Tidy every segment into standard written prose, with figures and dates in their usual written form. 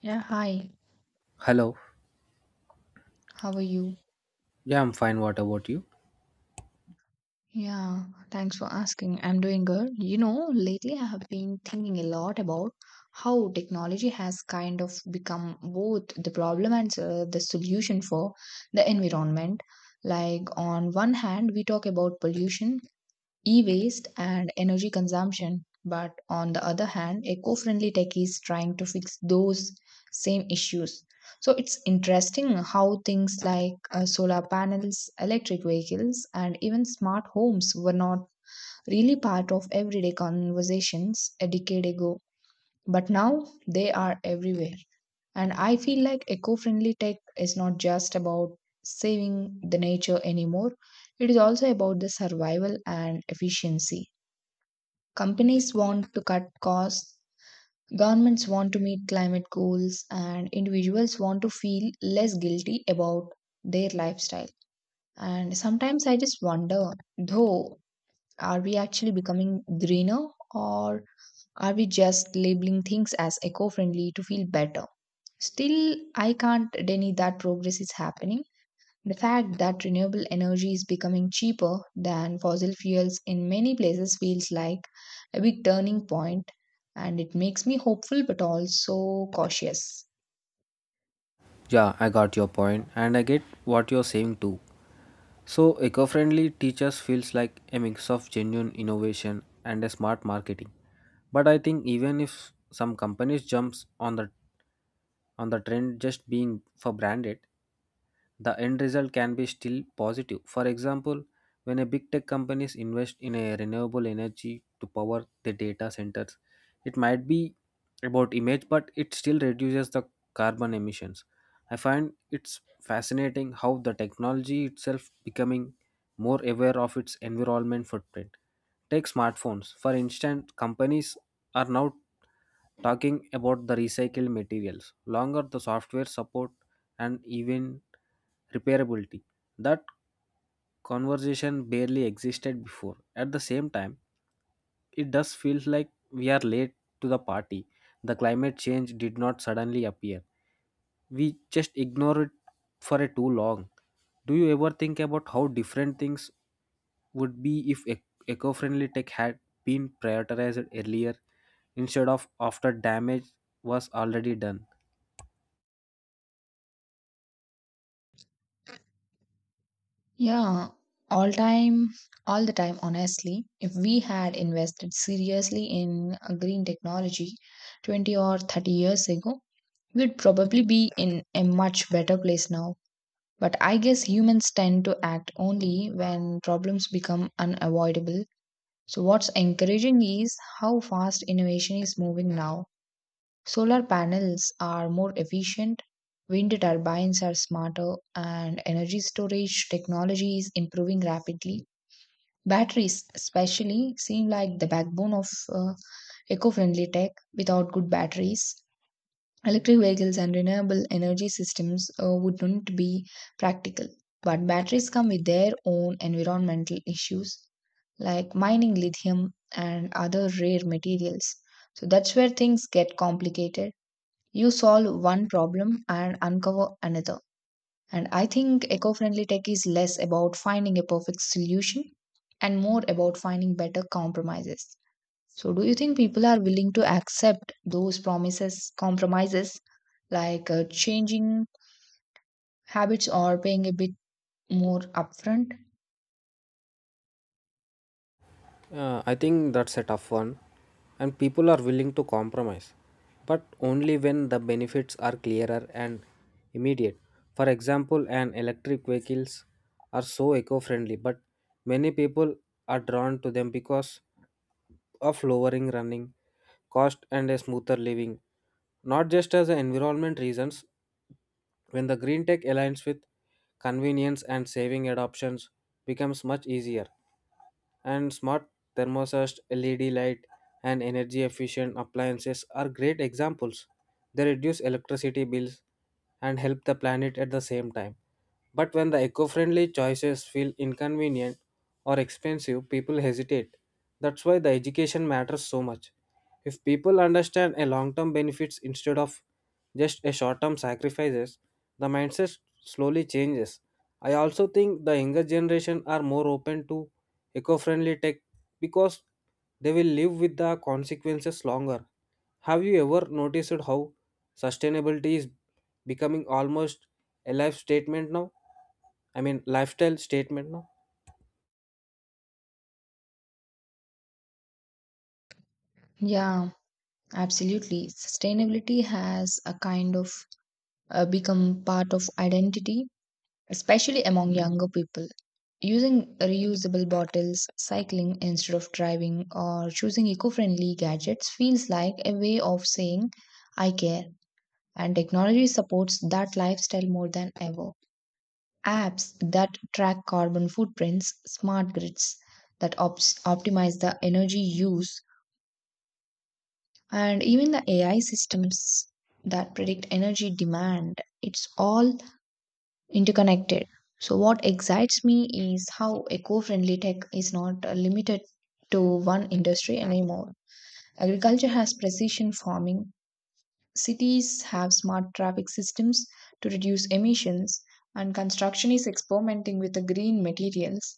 Yeah, hi. Hello. How are you? Yeah, I'm fine. What about you? Yeah, thanks for asking. I'm doing good. You know, lately I have been thinking a lot about how technology has kind of become both the problem and the solution for the environment. Like, on one hand, we talk about pollution, e-waste and energy consumption. But on the other hand, eco-friendly tech is trying to fix those same issues. So it's interesting how things like solar panels, electric vehicles, and even smart homes were not really part of everyday conversations a decade ago. But now they are everywhere. And I feel like eco-friendly tech is not just about saving the nature anymore. It is also about the survival and efficiency. Companies want to cut costs, governments want to meet climate goals, and individuals want to feel less guilty about their lifestyle. And sometimes I just wonder, though, are we actually becoming greener or are we just labeling things as eco friendly to feel better? Still, I can't deny that progress is happening. The fact that renewable energy is becoming cheaper than fossil fuels in many places feels like a big turning point, and it makes me hopeful but also cautious. Yeah, I got your point and I get what you're saying too. So, eco friendly teachers feels like a mix of genuine innovation and a smart marketing. But I think even if some companies jumps on the trend just being for branded, the end result can be still positive. For example, when a big tech companies invest in a renewable energy to power the data centers, it might be about image, but it still reduces the carbon emissions. I find it's fascinating how the technology itself becoming more aware of its environment footprint. Take smartphones. For instance, companies are now talking about the recycled materials. Longer the software support, and even repairability that conversation barely existed before. At the same time, it does feel like we are late to the party. The climate change did not suddenly appear, we just ignore it for a too long. Do you ever think about how different things would be if eco-friendly tech had been prioritized earlier instead of after damage was already done? Yeah, all time, all the time, honestly, if we had invested seriously in green technology 20 or 30 years ago, we'd probably be in a much better place now. But I guess humans tend to act only when problems become unavoidable. So, what's encouraging is how fast innovation is moving now. Solar panels are more efficient, wind turbines are smarter, and energy storage technology is improving rapidly. Batteries, especially, seem like the backbone of eco friendly tech. Without good batteries, electric vehicles and renewable energy systems wouldn't be practical. But batteries come with their own environmental issues like mining lithium and other rare materials. So that's where things get complicated. You solve one problem and uncover another. And I think eco friendly tech is less about finding a perfect solution and more about finding better compromises. So, do you think people are willing to accept those promises, compromises, like changing habits or paying a bit more upfront? I think that's a tough one, and people are willing to compromise, but only when the benefits are clearer and immediate. For example, an electric vehicles are so eco-friendly, but many people are drawn to them because of lowering running cost and a smoother living, not just as a environment reasons. When the green tech aligns with convenience and saving adoptions becomes much easier and smart thermostat, LED light, and energy efficient appliances are great examples. They reduce electricity bills and help the planet at the same time. But when the eco friendly choices feel inconvenient or expensive, people hesitate. That's why the education matters so much. If people understand a long term benefits instead of just a short term sacrifices, the mindset slowly changes. I also think the younger generation are more open to eco-friendly tech because they will live with the consequences longer. Have you ever noticed how sustainability is becoming almost a life statement now? I mean, lifestyle statement now. Yeah, absolutely. Sustainability has a kind of become part of identity, especially among younger people. Using reusable bottles, cycling instead of driving, or choosing eco friendly gadgets feels like a way of saying, I care. And technology supports that lifestyle more than ever. Apps that track carbon footprints, smart grids that optimize the energy use, and even the AI systems that predict energy demand. It's all interconnected. So, what excites me is how eco friendly tech is not limited to one industry anymore. Agriculture has precision farming, cities have smart traffic systems to reduce emissions, and construction is experimenting with the green materials.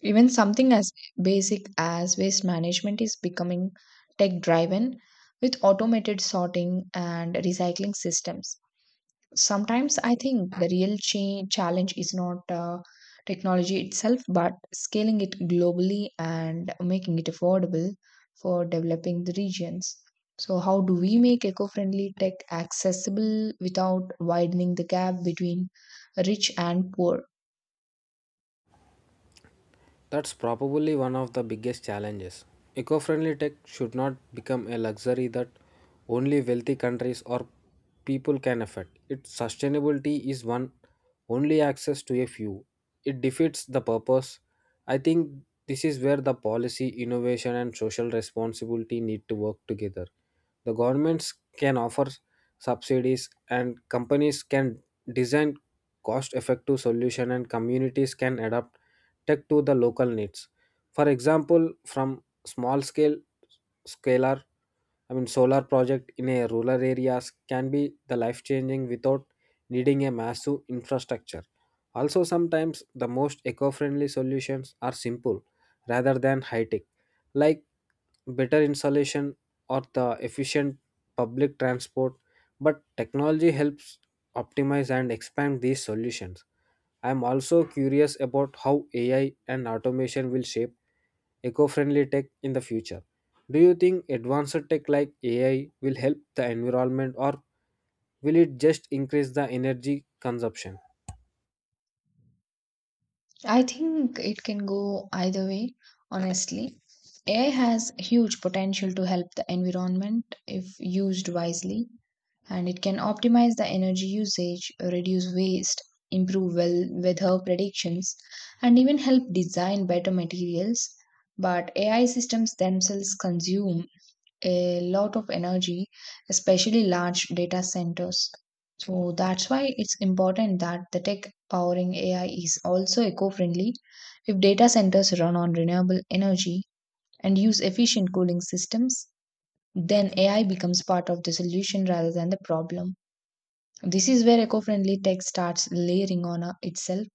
Even something as basic as waste management is becoming tech driven with automated sorting and recycling systems. Sometimes I think the real challenge is not technology itself, but scaling it globally and making it affordable for developing the regions. So, how do we make eco friendly tech accessible without widening the gap between rich and poor? That's probably one of the biggest challenges. Eco friendly tech should not become a luxury that only wealthy countries or people can afford. Its sustainability is one only access to a few. It defeats the purpose. I think this is where the policy, innovation, and social responsibility need to work together. The governments can offer subsidies, and companies can design cost effective solution and communities can adapt tech to the local needs. For example, from small scale scalar, I mean solar project in a rural areas can be the life changing without needing a massive infrastructure. Also, sometimes the most eco-friendly solutions are simple rather than high-tech, like better insulation or the efficient public transport. But technology helps optimize and expand these solutions. I'm also curious about how AI and automation will shape eco friendly tech in the future. Do you think advanced tech like AI will help the environment or will it just increase the energy consumption? I think it can go either way, honestly. AI has huge potential to help the environment if used wisely and it can optimize the energy usage, reduce waste, improve well weather predictions, and even help design better materials. But AI systems themselves consume a lot of energy, especially large data centers. So that's why it's important that the tech powering AI is also eco friendly. If data centers run on renewable energy and use efficient cooling systems, then AI becomes part of the solution rather than the problem. This is where eco-friendly tech starts layering on itself.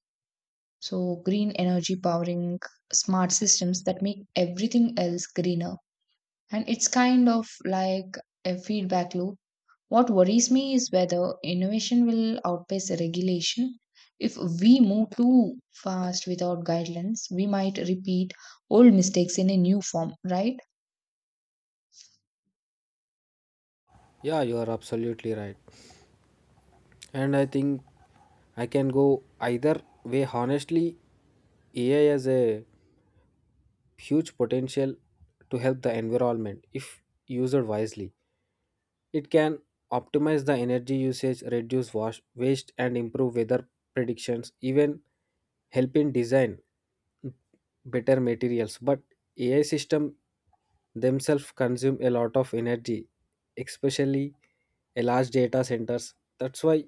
So green energy powering smart systems that make everything else greener. And it's kind of like a feedback loop. What worries me is whether innovation will outpace regulation. If we move too fast without guidelines, we might repeat old mistakes in a new form, right? Yeah, you are absolutely right. And I think I can go either way. Honestly, AI has a huge potential to help the environment if used wisely. It can optimize the energy usage, reduce wash, waste, and improve weather predictions, even helping design better materials. But AI system themselves consume a lot of energy, especially a large data centers. That's why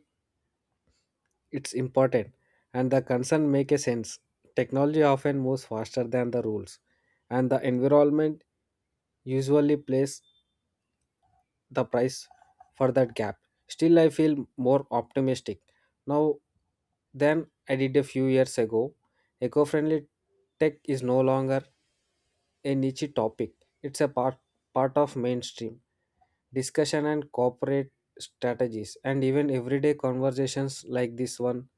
it's important, and the concern make a sense. Technology often moves faster than the rules, and the environment usually plays the price for that gap. Still, I feel more optimistic now than I did a few years ago. Eco friendly tech is no longer a niche topic, it's part of mainstream discussion and corporate strategies, and even everyday conversations like this one.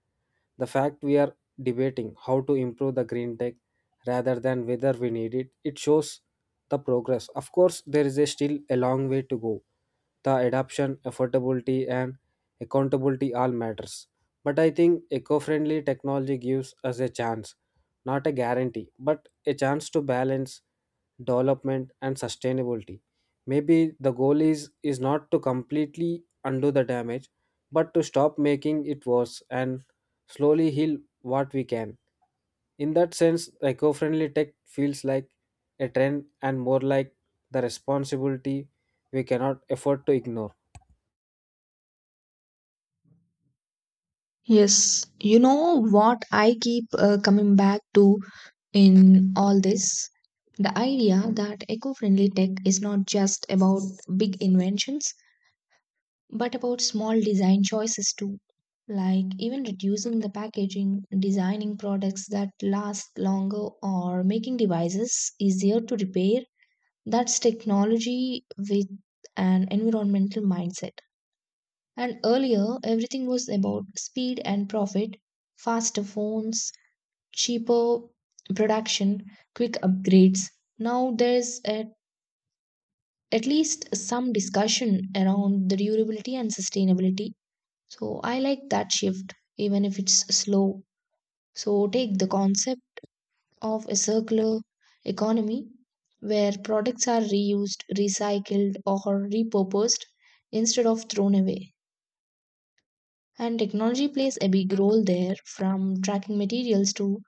The fact we are debating how to improve the green tech rather than whether we need it, it shows the progress. Of course, there is a still a long way to go. The adoption, affordability, and accountability all matters. But I think eco-friendly technology gives us a chance, not a guarantee, but a chance to balance development and sustainability. Maybe the goal is not to completely undo the damage, but to stop making it worse and slowly heal what we can. In that sense, eco-friendly tech feels like a trend and more like the responsibility we cannot afford to ignore. Yes, you know what I keep coming back to in all this? The idea that eco friendly tech is not just about big inventions, but about small design choices too. Like even reducing the packaging, designing products that last longer, or making devices easier to repair. That's technology with an environmental mindset. And earlier, everything was about speed and profit, faster phones, cheaper production, quick upgrades. Now there's at least some discussion around the durability and sustainability. So I like that shift, even if it's slow. So take the concept of a circular economy where products are reused, recycled, or repurposed instead of thrown away. And technology plays a big role there, from tracking materials to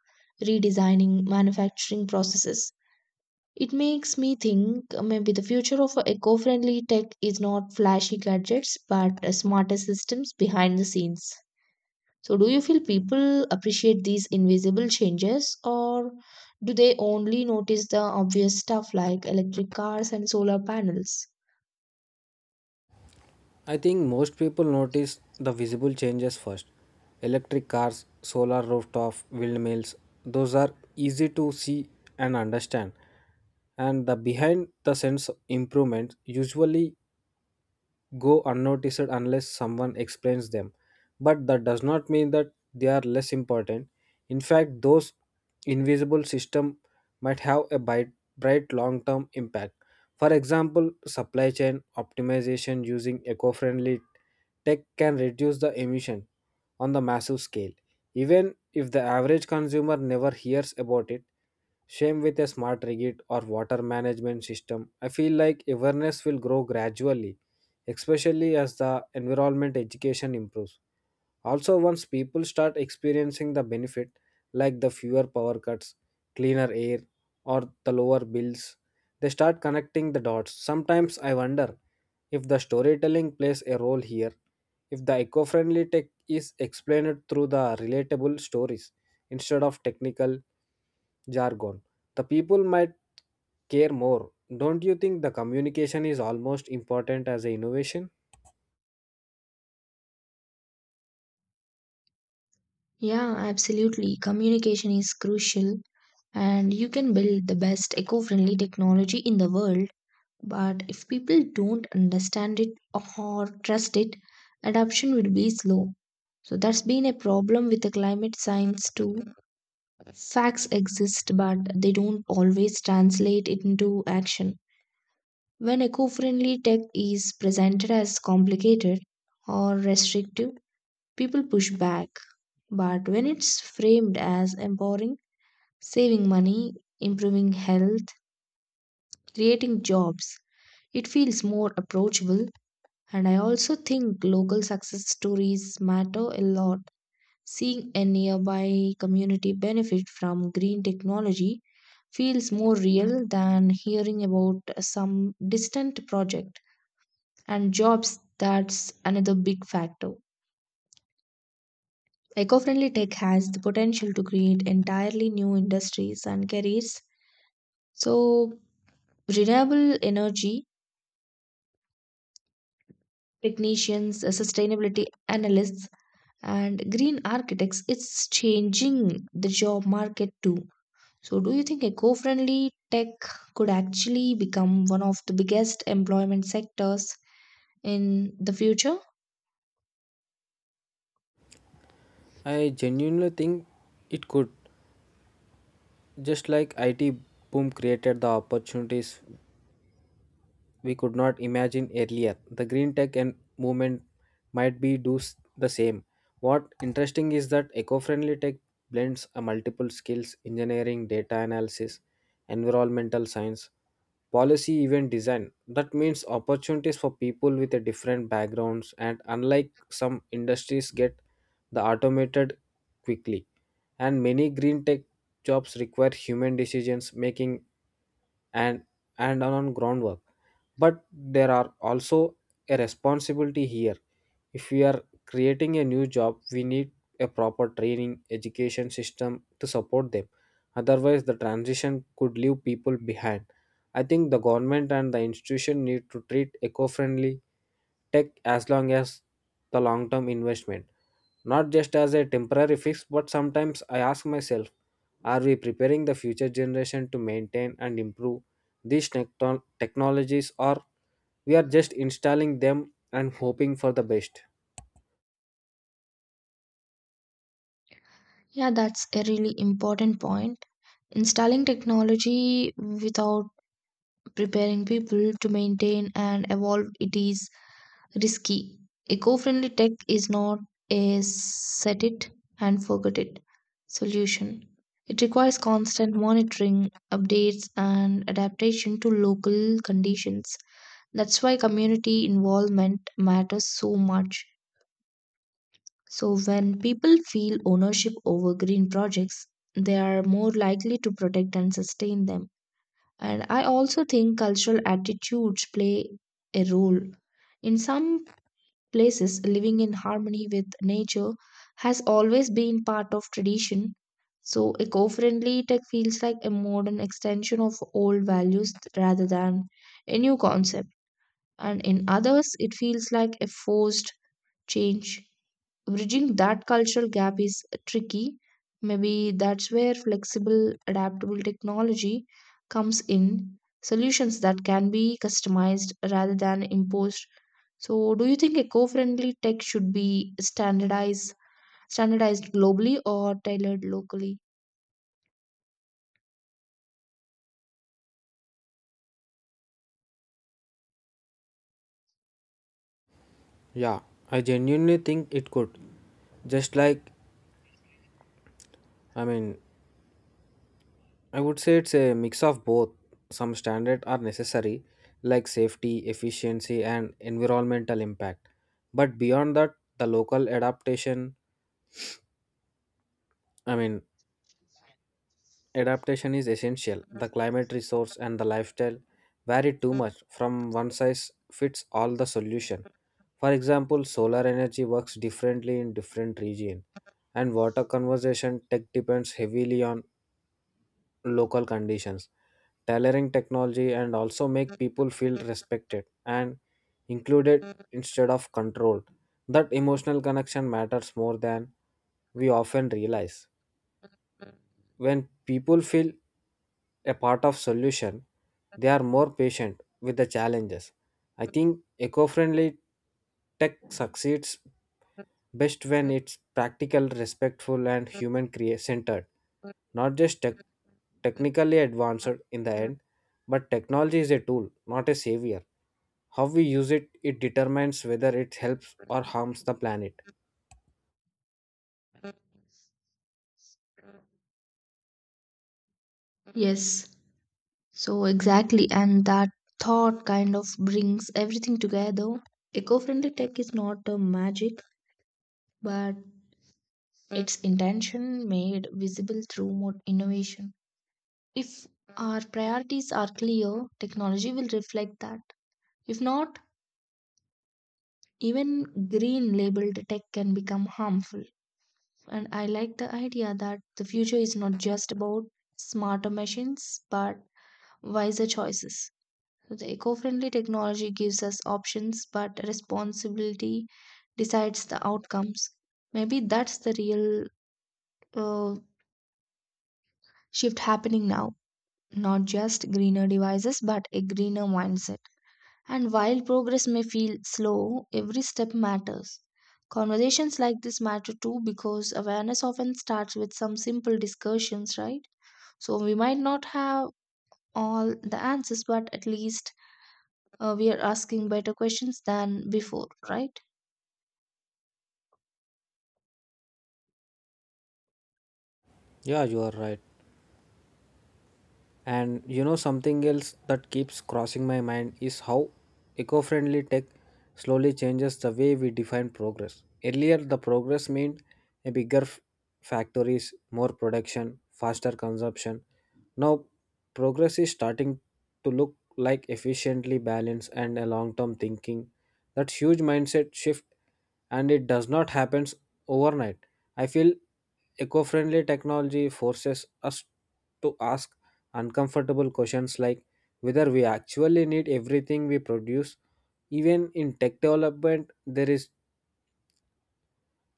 redesigning manufacturing processes. It makes me think maybe the future of eco friendly tech is not flashy gadgets but smarter systems behind the scenes. So, do you feel people appreciate these invisible changes or do they only notice the obvious stuff like electric cars and solar panels? I think most people notice the visible changes first. Electric cars, solar rooftop windmills, those are easy to see and understand. And the behind the sense improvements usually go unnoticed unless someone explains them. But that does not mean that they are less important. In fact, those invisible systems might have a bright long-term impact. For example, supply chain optimization using eco-friendly tech can reduce the emission on the massive scale. Even if the average consumer never hears about it, same with a smart rigid or water management system. I feel like awareness will grow gradually especially as the environment education improves. Also, once people start experiencing the benefit, like the fewer power cuts, cleaner air, or the lower bills, they start connecting the dots. Sometimes I wonder if the storytelling plays a role here, if the eco friendly tech is explained through the relatable stories instead of technical jargon. The people might care more. Don't you think the communication is almost important as an innovation? Yeah, absolutely. Communication is crucial, and you can build the best eco-friendly technology in the world, but if people don't understand it or trust it, adoption will be slow. So that's been a problem with the climate science too. Facts exist but they don't always translate it into action. When eco-friendly tech is presented as complicated or restrictive, people push back, but when it's framed as empowering, saving money, improving health, creating jobs. It feels more approachable, and I also think local success stories matter a lot. Seeing a nearby community benefit from green technology feels more real than hearing about some distant project. And jobs, that's another big factor. Eco friendly tech has the potential to create entirely new industries and careers. So, renewable energy technicians, sustainability analysts, and green architects, it's changing the job market too. So do you think eco-friendly tech could actually become one of the biggest employment sectors in the future? I genuinely think it could, just like IT boom created the opportunities we could not imagine earlier. The green tech and movement might be do the same. What interesting is that eco-friendly tech blends a multiple skills: engineering, data analysis, environmental science, policy, event design. That means opportunities for people with a different backgrounds and unlike some industries get the automated quickly. And many green tech jobs require human decisions making and on groundwork, but there are also a responsibility here. If we are creating a new job, we need a proper training education system to support them, otherwise the transition could leave people behind. I think the government and the institution need to treat eco-friendly tech as long as the long-term investment, not just as a temporary fix. But sometimes I ask myself, are we preparing the future generation to maintain and improve these technologies or we are just installing them and hoping for the best. Yeah, that's a really important point. Installing technology without preparing people to maintain and evolve it is risky. Eco friendly tech is not a set it and forget it solution. It requires constant monitoring, updates, and adaptation to local conditions. That's why community involvement matters so much. So, when people feel ownership over green projects, they are more likely to protect and sustain them. And I also think cultural attitudes play a role. In some places, living in harmony with nature has always been part of tradition. So, eco friendly tech feels like a modern extension of old values rather than a new concept. And in others, it feels like a forced change. Bridging that cultural gap is tricky. Maybe that's where flexible, adaptable technology comes in, solutions that can be customized rather than imposed. So, do you think eco-friendly tech should be standardized globally or tailored locally? Yeah, I genuinely think it could. Just like, I mean, I would say it's a mix of both. Some standards are necessary, like safety, efficiency, and environmental impact. But beyond that, the local adaptation, I mean, adaptation is essential. The climate resource and the lifestyle vary too much from one size fits all the solution. For example, solar energy works differently in different region and water conservation tech depends heavily on local conditions. Tailoring technology and also make people feel respected and included instead of controlled. That emotional connection matters more than we often realize. When people feel a part of solution, they are more patient with the challenges. I think eco-friendly tech succeeds best when it's practical, respectful, and human centered, not just technically advanced in the end, but technology is a tool, not a savior. How we use it, it determines whether it helps or harms the planet. Yes. So exactly, and that thought kind of brings everything together. Eco-friendly tech is not a magic, but its intention made visible through innovation. If our priorities are clear, technology will reflect that. If not, even green labeled tech can become harmful. And I like the idea that the future is not just about smarter machines but wiser choices. So the eco friendly technology gives us options, but responsibility decides the outcomes. Maybe that's the real uh, shift happening now. Not just greener devices but a greener mindset. And while progress may feel slow, every step matters. Conversations like this matter too because awareness often starts with some simple discussions, right? So we might not have all the answers, but at least we are asking better questions than before, right? Yeah, you are right. And you know, something else that keeps crossing my mind is how eco friendly tech slowly changes the way we define progress. Earlier, the progress meant a bigger factories, more production, faster consumption. Now, progress is starting to look like efficiently balanced and a long term thinking. That huge mindset shift and it does not happen overnight. I feel eco friendly technology forces us to ask uncomfortable questions like whether we actually need everything we produce. Even in tech development, there is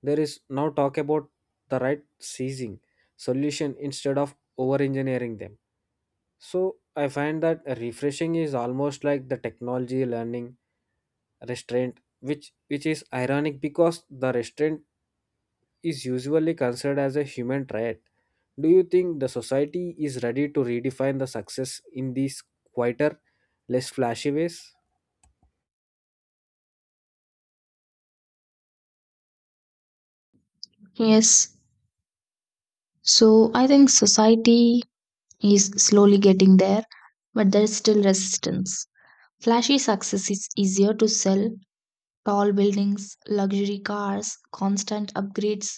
there is now talk about the right seizing solution instead of over engineering them. So I find that refreshing is almost like the technology learning restraint, which is ironic because the restraint is usually considered as a human trait. Do you think the society is ready to redefine the success in these quieter, less flashy ways? Yes. So I think society is slowly getting there, but there is still resistance. Flashy success is easier to sell. Tall buildings, luxury cars, constant upgrades.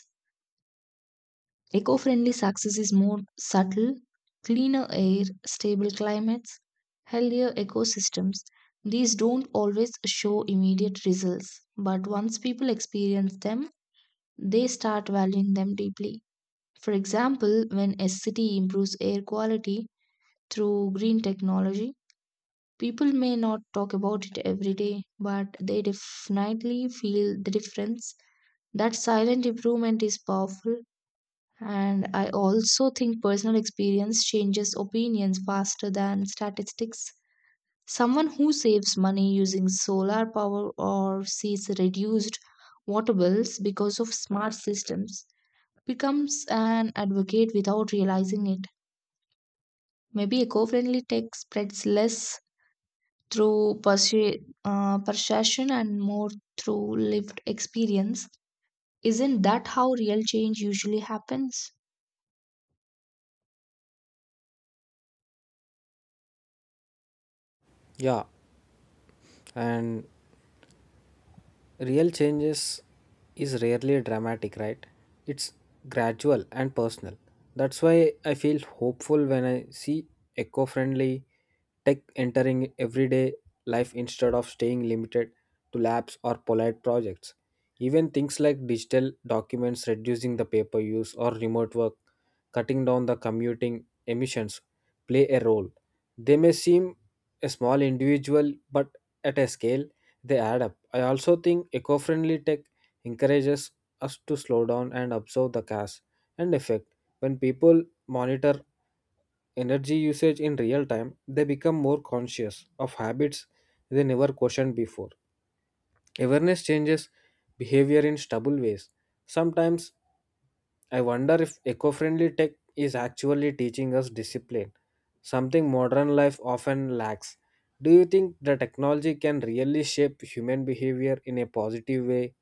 Eco friendly success is more subtle, cleaner air, stable climates, healthier ecosystems. These don't always show immediate results, but once people experience them, they start valuing them deeply. For example, when a city improves air quality through green technology, people may not talk about it every day, but they definitely feel the difference. That silent improvement is powerful, and I also think personal experience changes opinions faster than statistics. Someone who saves money using solar power or sees reduced water bills because of smart systems becomes an advocate without realizing it. Maybe eco friendly tech spreads less through persuasion and more through lived experience. Isn't that how real change usually happens? Yeah, and real changes is rarely dramatic, right? It's gradual and personal. That's why I feel hopeful when I see eco friendly tech entering everyday life instead of staying limited to labs or polite projects. Even things like digital documents reducing the paper use or remote work, cutting down the commuting emissions play a role. They may seem a small individual, but at a scale, they add up. I also think eco friendly tech encourages us to slow down and observe the cause and effect. When people monitor energy usage in real time, they become more conscious of habits they never questioned before. Awareness changes behavior in stubble ways. Sometimes I wonder if eco friendly tech is actually teaching us discipline, something modern life often lacks. Do you think the technology can really shape human behavior in a positive way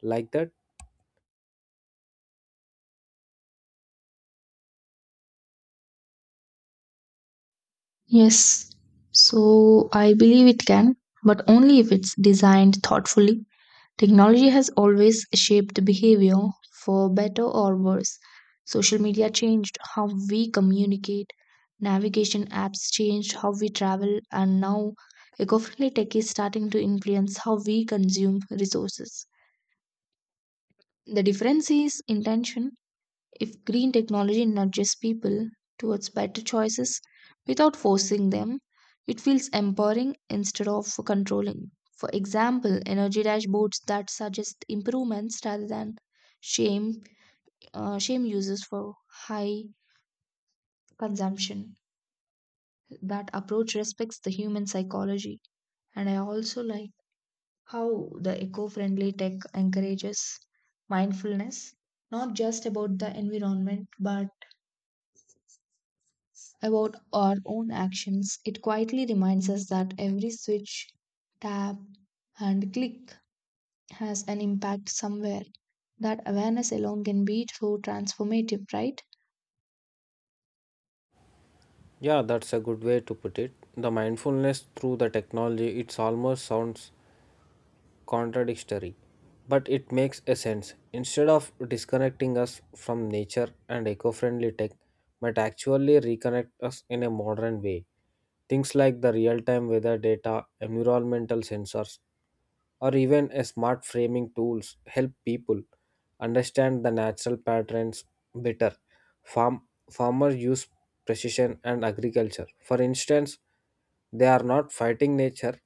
like that? Yes. So I believe it can, but only if it's designed thoughtfully. Technology has always shaped behavior for better or worse. Social media changed how we communicate, navigation apps changed how we travel, and now eco friendly tech is starting to influence how we consume resources. The difference is intention. If green technology nudges people towards better choices without forcing them, it feels empowering instead of controlling. For example, energy dashboards that suggest improvements rather than shame shame users for high consumption. That approach respects the human psychology. And I also like how the eco-friendly tech encourages mindfulness, not just about the environment but about our own actions. It quietly reminds us that every switch, tap, and click has an impact somewhere. That awareness alone can be so transformative, right? Yeah, that's a good way to put it. The mindfulness through the technology, it's almost sounds contradictory, but it makes a sense. Instead of disconnecting us from nature and eco-friendly tech, might actually reconnect us in a modern way. Things like the real-time weather data, environmental sensors, or even a smart framing tools help people understand the natural patterns better. Farm Farmers use precision, and agriculture. For instance, they are not fighting nature,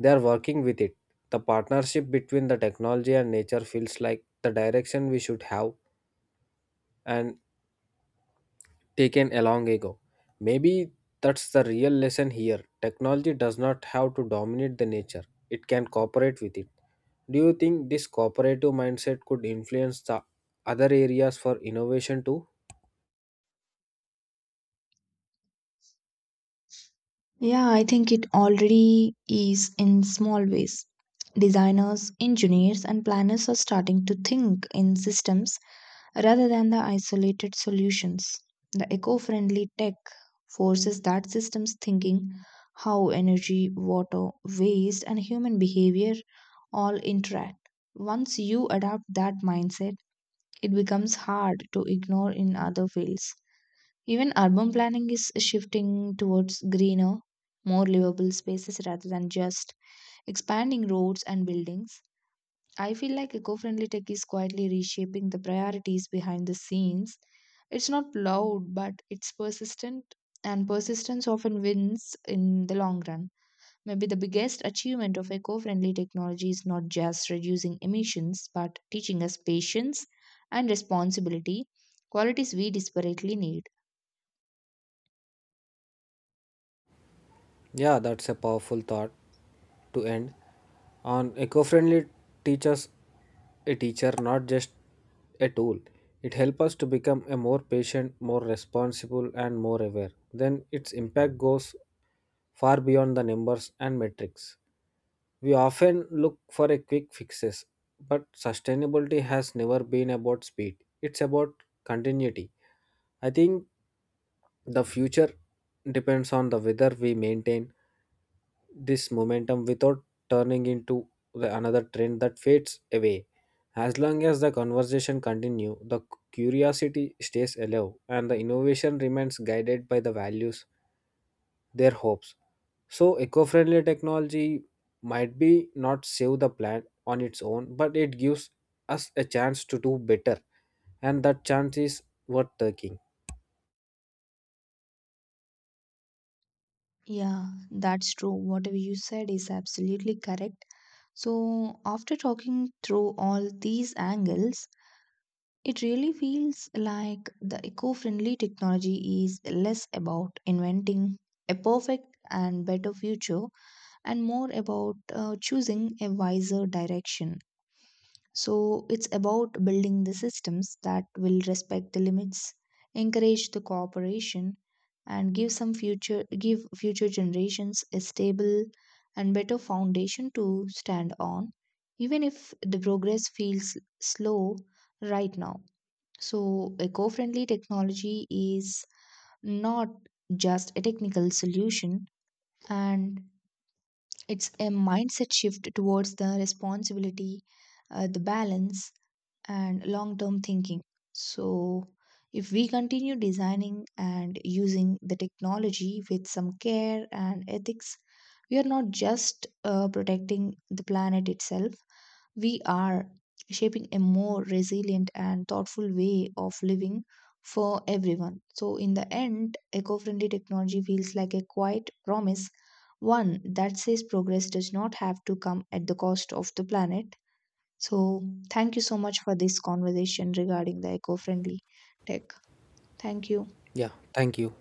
they are working with it. The partnership between the technology and nature feels like the direction we should have and taken a long ago. Maybe that's the real lesson here. Technology does not have to dominate the nature, it can cooperate with it. Do you think this cooperative mindset could influence the other areas for innovation too? Yeah, I think it already is in small ways. Designers, engineers, and planners are starting to think in systems rather than the isolated solutions. The eco friendly tech forces that systems thinking, how energy, water, waste, and human behavior all interact. Once you adopt that mindset, it becomes hard to ignore in other fields. Even urban planning is shifting towards greener, more livable spaces rather than just expanding roads and buildings. I feel like eco friendly tech is quietly reshaping the priorities behind the scenes. It's not loud, but it's persistent, and persistence often wins in the long run. Maybe the biggest achievement of eco friendly technology is not just reducing emissions, but teaching us patience and responsibility, qualities we desperately need. Yeah, that's a powerful thought to end on. Eco-friendly teaches a teacher, not just a tool. It helps us to become a more patient, more responsible, and more aware. Then its impact goes far beyond the numbers and metrics. We often look for a quick fixes, but sustainability has never been about speed. It's about continuity. I think the future depends on the whether we maintain this momentum without turning into the another trend that fades away. As long as the conversation continue, the curiosity stays alive and the innovation remains guided by the values, their hopes. So eco-friendly technology might be not save the planet on its own, but it gives us a chance to do better and that chance is worth taking. Yeah, that's true. Whatever you said is absolutely correct. So, after talking through all these angles, it really feels like the eco friendly technology is less about inventing a perfect and better future and more about choosing a wiser direction. So it's about building the systems that will respect the limits, encourage the cooperation, and give future generations a stable and better foundation to stand on, even if the progress feels slow right now. So eco-friendly technology is not just a technical solution, and it's a mindset shift towards the responsibility, the balance, and long term thinking. So, if we continue designing and using the technology with some care and ethics, we are not just protecting the planet itself, we are shaping a more resilient and thoughtful way of living for everyone. So, in the end, eco friendly technology feels like a quiet promise, one that says progress does not have to come at the cost of the planet. So, thank you so much for this conversation regarding the eco friendly tech. Thank you. Yeah, thank you.